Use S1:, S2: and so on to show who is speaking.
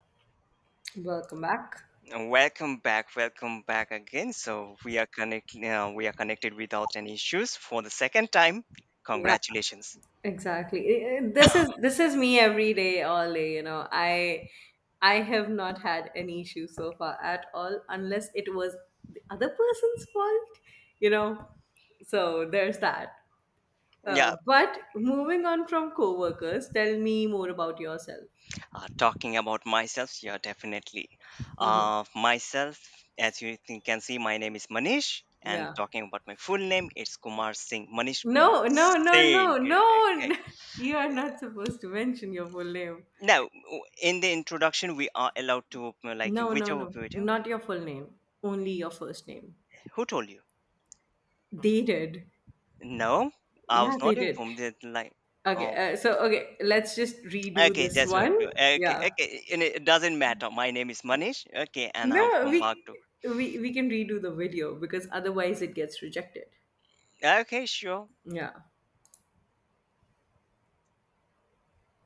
S1: Welcome back.
S2: And welcome back, welcome back again. So we are we are connected without any issues for the second time.
S1: Yeah,
S2: Congratulations.
S1: exactly. This is me every day, all day. I have not had any issue so far at all, unless it was the other person's fault. You know, so there's that.
S2: Yeah,
S1: But moving on from coworkers, tell me more about yourself.
S2: talking about myself, yeah, definitely.
S1: Hmm.
S2: Myself, as you can see, my name is Manish, and
S1: Yeah.
S2: talking about my full name, it's Kumar Singh. Manish Kumar
S1: No, no, no,
S2: Singh.
S1: no,
S2: Okay.
S1: no. You are not supposed to mention your full name.
S2: Now, in the introduction, we are allowed to like
S1: No, no,
S2: whichever
S1: no.
S2: video.
S1: Not your full name. Only your first name.
S2: Who told you?
S1: They did.
S2: No, I was
S1: Yeah, they
S2: not
S1: did.
S2: informed. Like,
S1: Okay,
S2: oh,
S1: uh, so okay, let's just redo
S2: okay,
S1: this
S2: just love
S1: one.
S2: to. Okay,
S1: Yeah.
S2: okay. and It doesn't matter. My name is Manish. Okay, and I'm
S1: No,
S2: from
S1: we
S2: Bagdo.
S1: we we can redo the video because otherwise it gets rejected.
S2: Okay, sure.
S1: Yeah.